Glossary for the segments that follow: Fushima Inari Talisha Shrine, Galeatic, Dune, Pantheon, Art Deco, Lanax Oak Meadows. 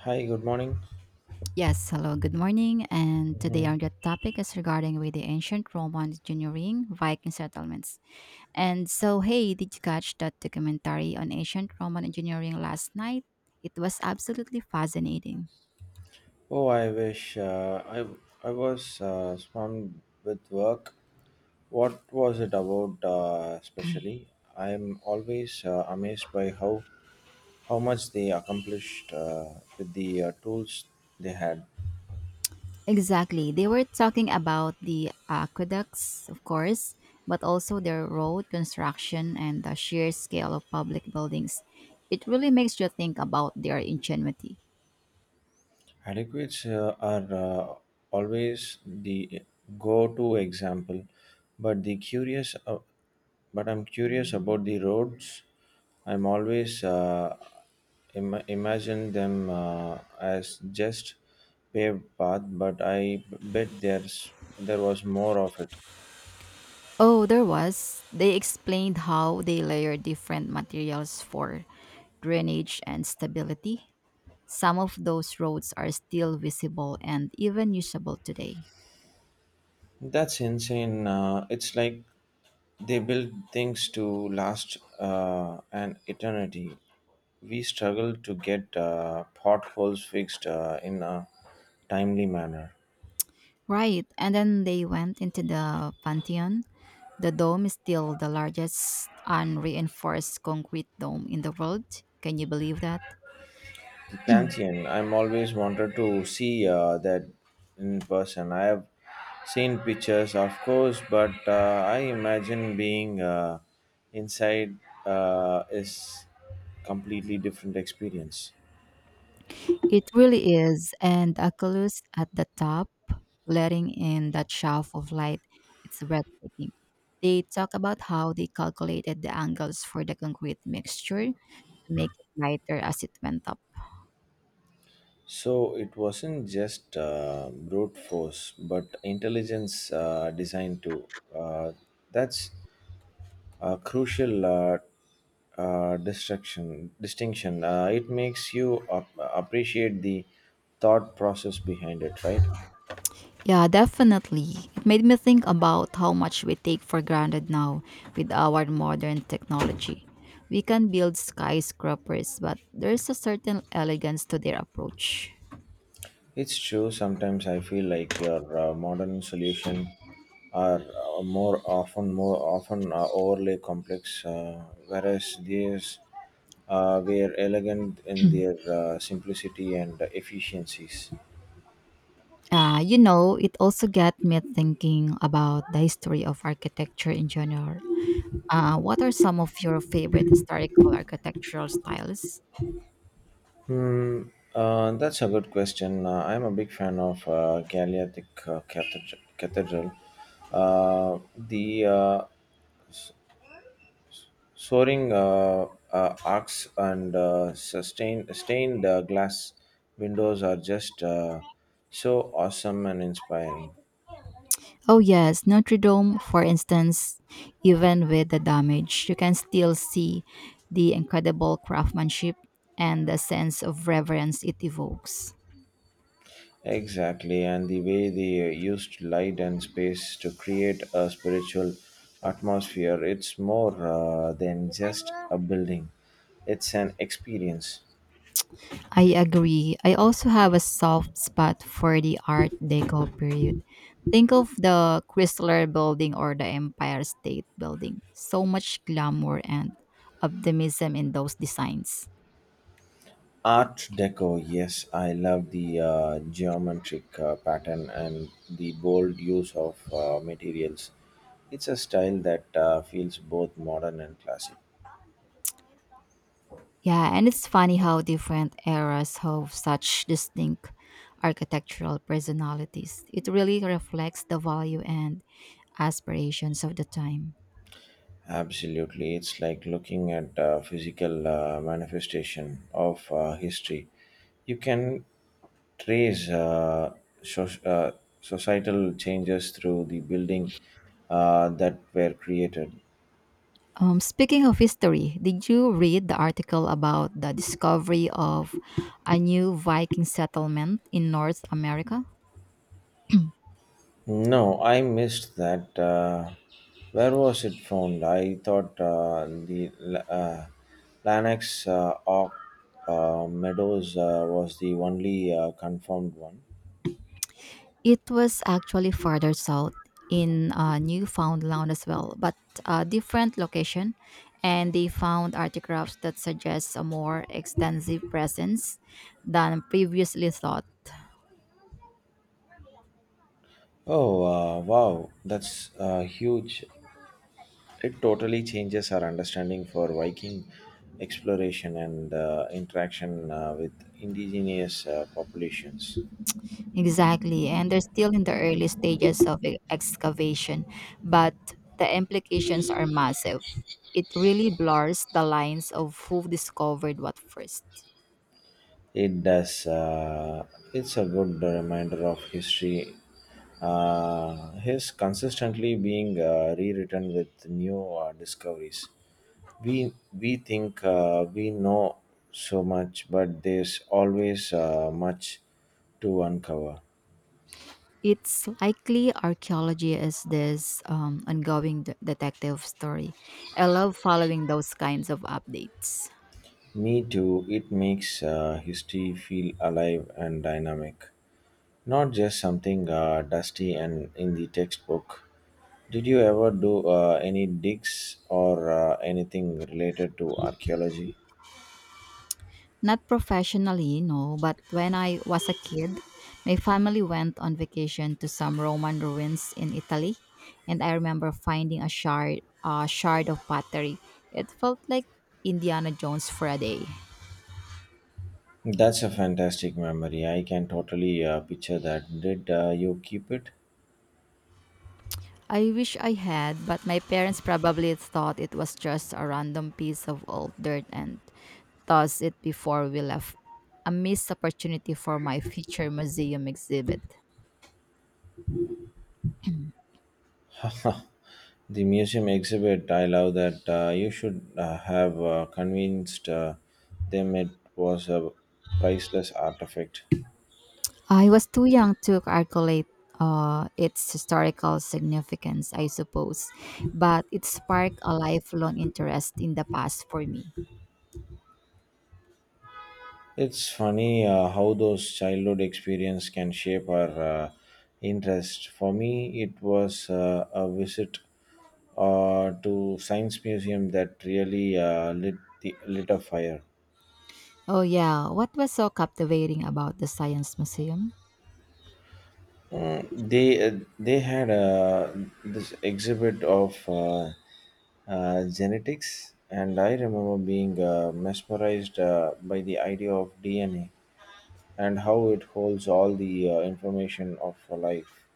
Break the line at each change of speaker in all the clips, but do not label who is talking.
Hi, good morning.
Yes, hello, good morning. And today
Hmm.
our good topic is regarding with the ancient Roman engineering, Viking settlements. And so, hey, did you catch that documentary on ancient Roman engineering last night? It was absolutely fascinating.
Oh, I wish I was swamped with work. What was it about especially? I'm always amazed by how much they accomplished with the tools they had.
Exactly. They were talking about the aqueducts, of course, but also their road construction and the sheer scale of public buildings. It really makes you think about their ingenuity.
Adequates are always the go-to example, but the curious, uh, but I'm curious about the roads. I'm always imagine them as just paved path, but I bet there was more of it.
Oh, there was. They explained how they layer different materials for drainage and stability. Some of those roads are still visible and even usable today.
That's insane. It's like they build things to last an eternity. We struggle to get potholes fixed in a timely manner.
Right, and then they went into the Pantheon. The dome is still the largest unreinforced concrete dome in the world. Can you believe that?
The Pantheon, I'm always wanted to see that in person. I have seen pictures, of course, but I imagine being inside is completely different experience.
It really is, and the oculus at the top, letting in that shaft of light, it's breathtaking. They talk about how they calculated the angles for the concrete mixture to make it lighter as it went up.
So it wasn't just brute force, but intelligence design too. Uh, that's a crucial distinction. It makes you appreciate the thought process behind it, right?
Yeah, definitely. It made me think about how much we take for granted now with our modern technology. We can build skyscrapers, but there's a certain elegance to their approach.
It's true. Sometimes I feel like your modern solution are more often overly complex, whereas these were elegant in their simplicity and efficiencies.
It also got me thinking about the history of architecture in general. What are some of your favorite historical architectural styles?
Hmm. That's a good question. I'm a big fan of Galeatic Cathedral. The Soaring arcs and sustained stained glass windows are just so awesome and inspiring.
Oh, yes, Notre Dame, for instance, even with the damage, you can still see the incredible craftsmanship and the sense of reverence it evokes.
Exactly, and the way they used light and space to create a spiritual atmosphere. It's more than just a building, it's an experience.
I agree. I also have a soft spot for the Art Deco period. Think of the Chrysler building or the Empire State building. So much glamour and optimism in those designs.
Art Deco, yes, I love the geometric pattern and the bold use of materials. It's a style that feels both modern and classic.
Yeah, and it's funny how different eras have such distinct architectural personalities. It really reflects the value and aspirations of the time.
Absolutely, it's like looking at a physical manifestation of history. You can trace soc- uh, societal changes through the building that were created.
Speaking of history, did you read the article about the discovery of a new Viking settlement in North America?
No, I missed that. Where was it found? I thought the uh, Lanax Oak Meadows was the only confirmed one.
It was actually farther south in Newfoundland as well, but a different location. And they found artifacts that suggest a more extensive presence than previously thought.
Oh, wow, that's huge. It totally changes our understanding for Viking exploration and interaction with indigenous populations.
Exactly, and they're still in the early stages of excavation, but the implications are massive. It really blurs the lines of who discovered what first.
It does. It's a good reminder of history. Is consistently being rewritten with new discoveries. We think we know so much, but there's always much to uncover.
It's likely archaeology is this ongoing detective story. I love following those kinds of updates.
Me too. It makes history feel alive and dynamic. Not just something dusty and in the textbook. Did you ever do any digs or anything related to archaeology?
Not professionally, no, but when I was a kid, my family went on vacation to some Roman ruins in Italy, and I remember finding a shard of pottery. It felt like Indiana Jones for a day.
That's a fantastic memory. I can totally picture that. Did you keep it?
I wish I had, but my parents probably thought it was just a random piece of old dirt and tossed it before we left. A missed opportunity for my future museum exhibit.
The museum exhibit, I love that. You should have convinced them it was a priceless artifact.
I was too young to calculate its historical significance, I suppose, but it sparked a lifelong interest in the past for me.
It's funny how those childhood experience can shape our interest. For me, it was a visit to science museum that really lit a fire.
Oh, yeah, what was so captivating about the Science Museum?
They had this exhibit of genetics, and I remember being mesmerized by the idea of DNA and how it holds all the information of life.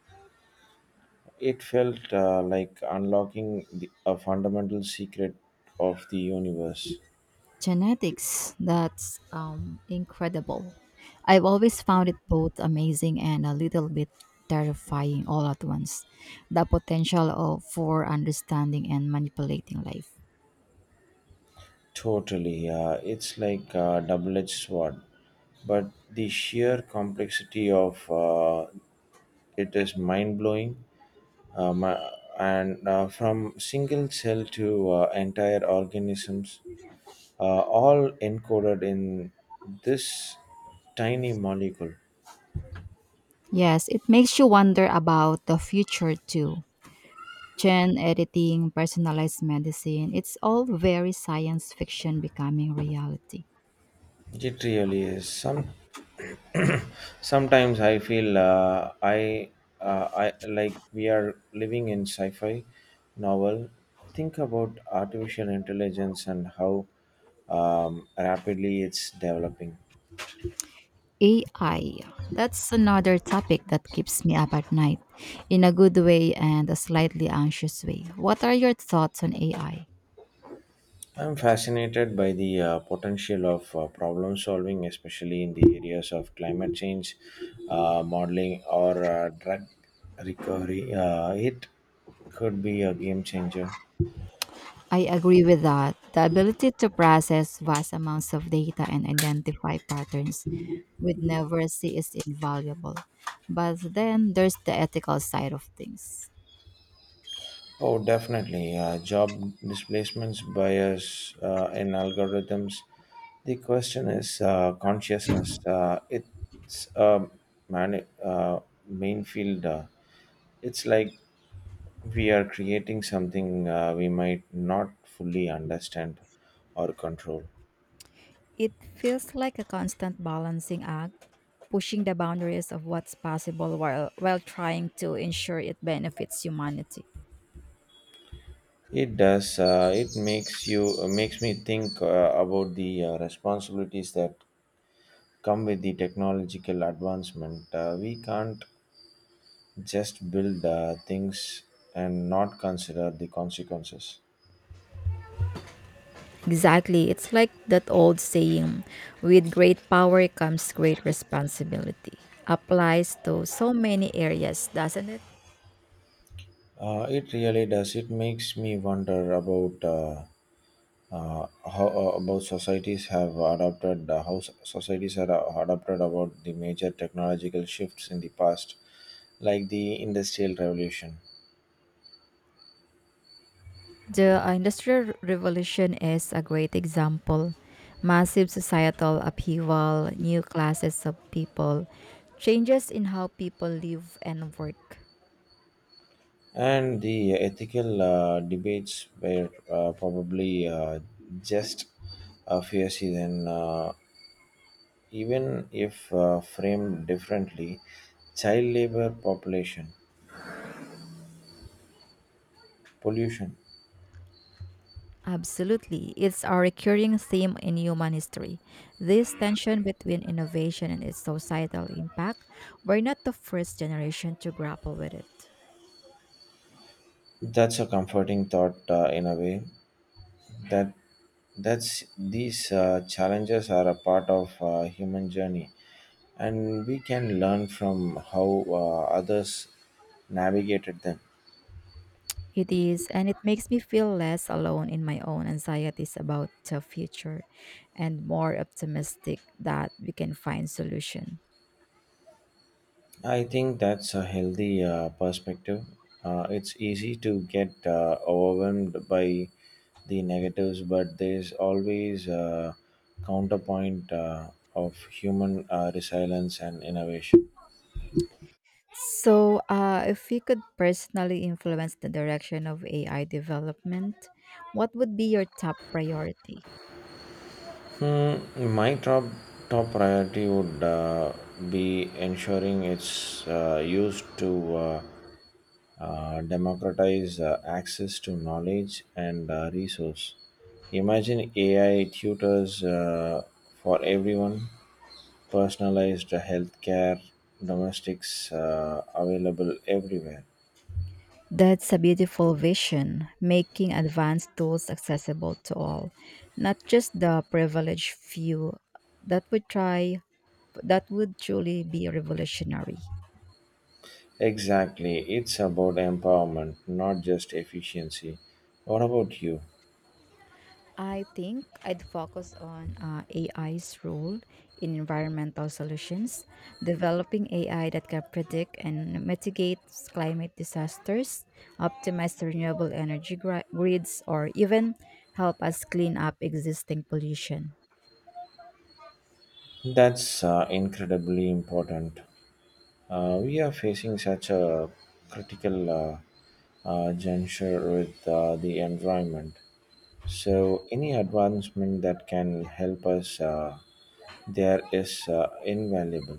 It felt like unlocking a fundamental secret of the universe.
Genetics, that's incredible. I've always found it both amazing and a little bit terrifying all at once. The potential for understanding and manipulating life.
Totally. It's like a double edged sword. But the sheer complexity of it is mind blowing. Um, uh, and From single cell to entire organisms, all encoded in this tiny molecule.
Yes, it makes you wonder about the future too. Gene editing, personalized medicine, it's all very science fiction becoming reality.
It really is. Sometimes I feel I like we are living in sci-fi novel. Think about artificial intelligence and how rapidly it's developing.
AI, that's another topic that keeps me up at night in a good way and a slightly anxious way. What are your thoughts on AI? I
I'm fascinated by the potential of problem solving, especially in the areas of climate change modeling or drug recovery. It could be a game changer.
I agree with that. The ability to process vast amounts of data and identify patterns we'd never see is invaluable. But then there's the ethical side of things.
Oh, definitely. Job displacements, bias in algorithms. The question is consciousness. It's a man- uh, main field. It's like we are creating something we might not fully understand or control.
It feels like a constant balancing act pushing the boundaries of what's possible while trying to ensure it benefits humanity.
It does. It makes you Makes me think about the responsibilities that come with the technological advancement. We can't just build the things and not consider the consequences.
Exactly. It's like that old saying with great power comes great responsibility. Applies to so many areas, doesn't it?
It really does. It makes me wonder about how about societies have adopted how so- societies are adopted about the major technological shifts in the past, like the industrial revolution.
The Industrial Revolution is a great example. Massive societal upheaval, new classes of people, changes in how people live and work.
And the ethical debates were probably just a few seasons. Even if framed differently, child labor, population, pollution.
Absolutely. It's a recurring theme in human history. This tension between innovation and its societal impact, we're not the first generation to grapple with it.
That's a comforting thought in a way. That that's these challenges are a part of human journey, and we can learn from how others navigated them.
It is, and it makes me feel less alone in my own anxieties about the future and more optimistic that we can find solution.
I think that's a healthy perspective. It's easy to get overwhelmed by the negatives, but there's always a counterpoint of human resilience and innovation.
So, if you could personally influence the direction of AI development, what would be your top priority?
My top priority would be ensuring it's used to democratize access to knowledge and resource. Imagine AI tutors for everyone, personalized healthcare, domestics available everywhere.
That's a beautiful vision, making advanced tools accessible to all, not just the privileged few. That would try that would truly be revolutionary.
Exactly, it's about empowerment, not just efficiency. What about you?
I think I'd focus on AI's role in environmental solutions, developing AI that can predict and mitigate climate disasters, optimize renewable energy grids, or even help us clean up existing pollution.
That's incredibly important. We are facing such a critical juncture with the environment. So, any advancement that can help us there is invaluable.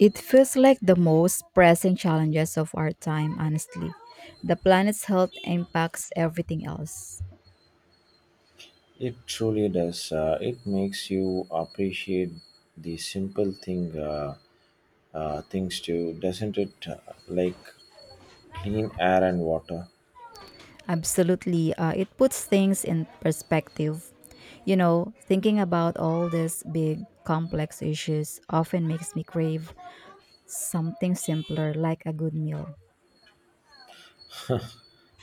It feels like the most pressing challenges of our time, honestly. The planet's health impacts everything else.
It truly does. It makes you appreciate the simple thing things too, doesn't it? Like clean air and water.
Absolutely. It puts things in perspective. You know, thinking about all these big, complex issues often makes me crave something simpler like a good meal.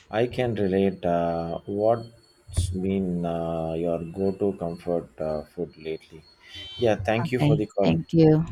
I can relate. What's been your go-to comfort food lately? Yeah, thank you for
Okay,
the call.
thank you.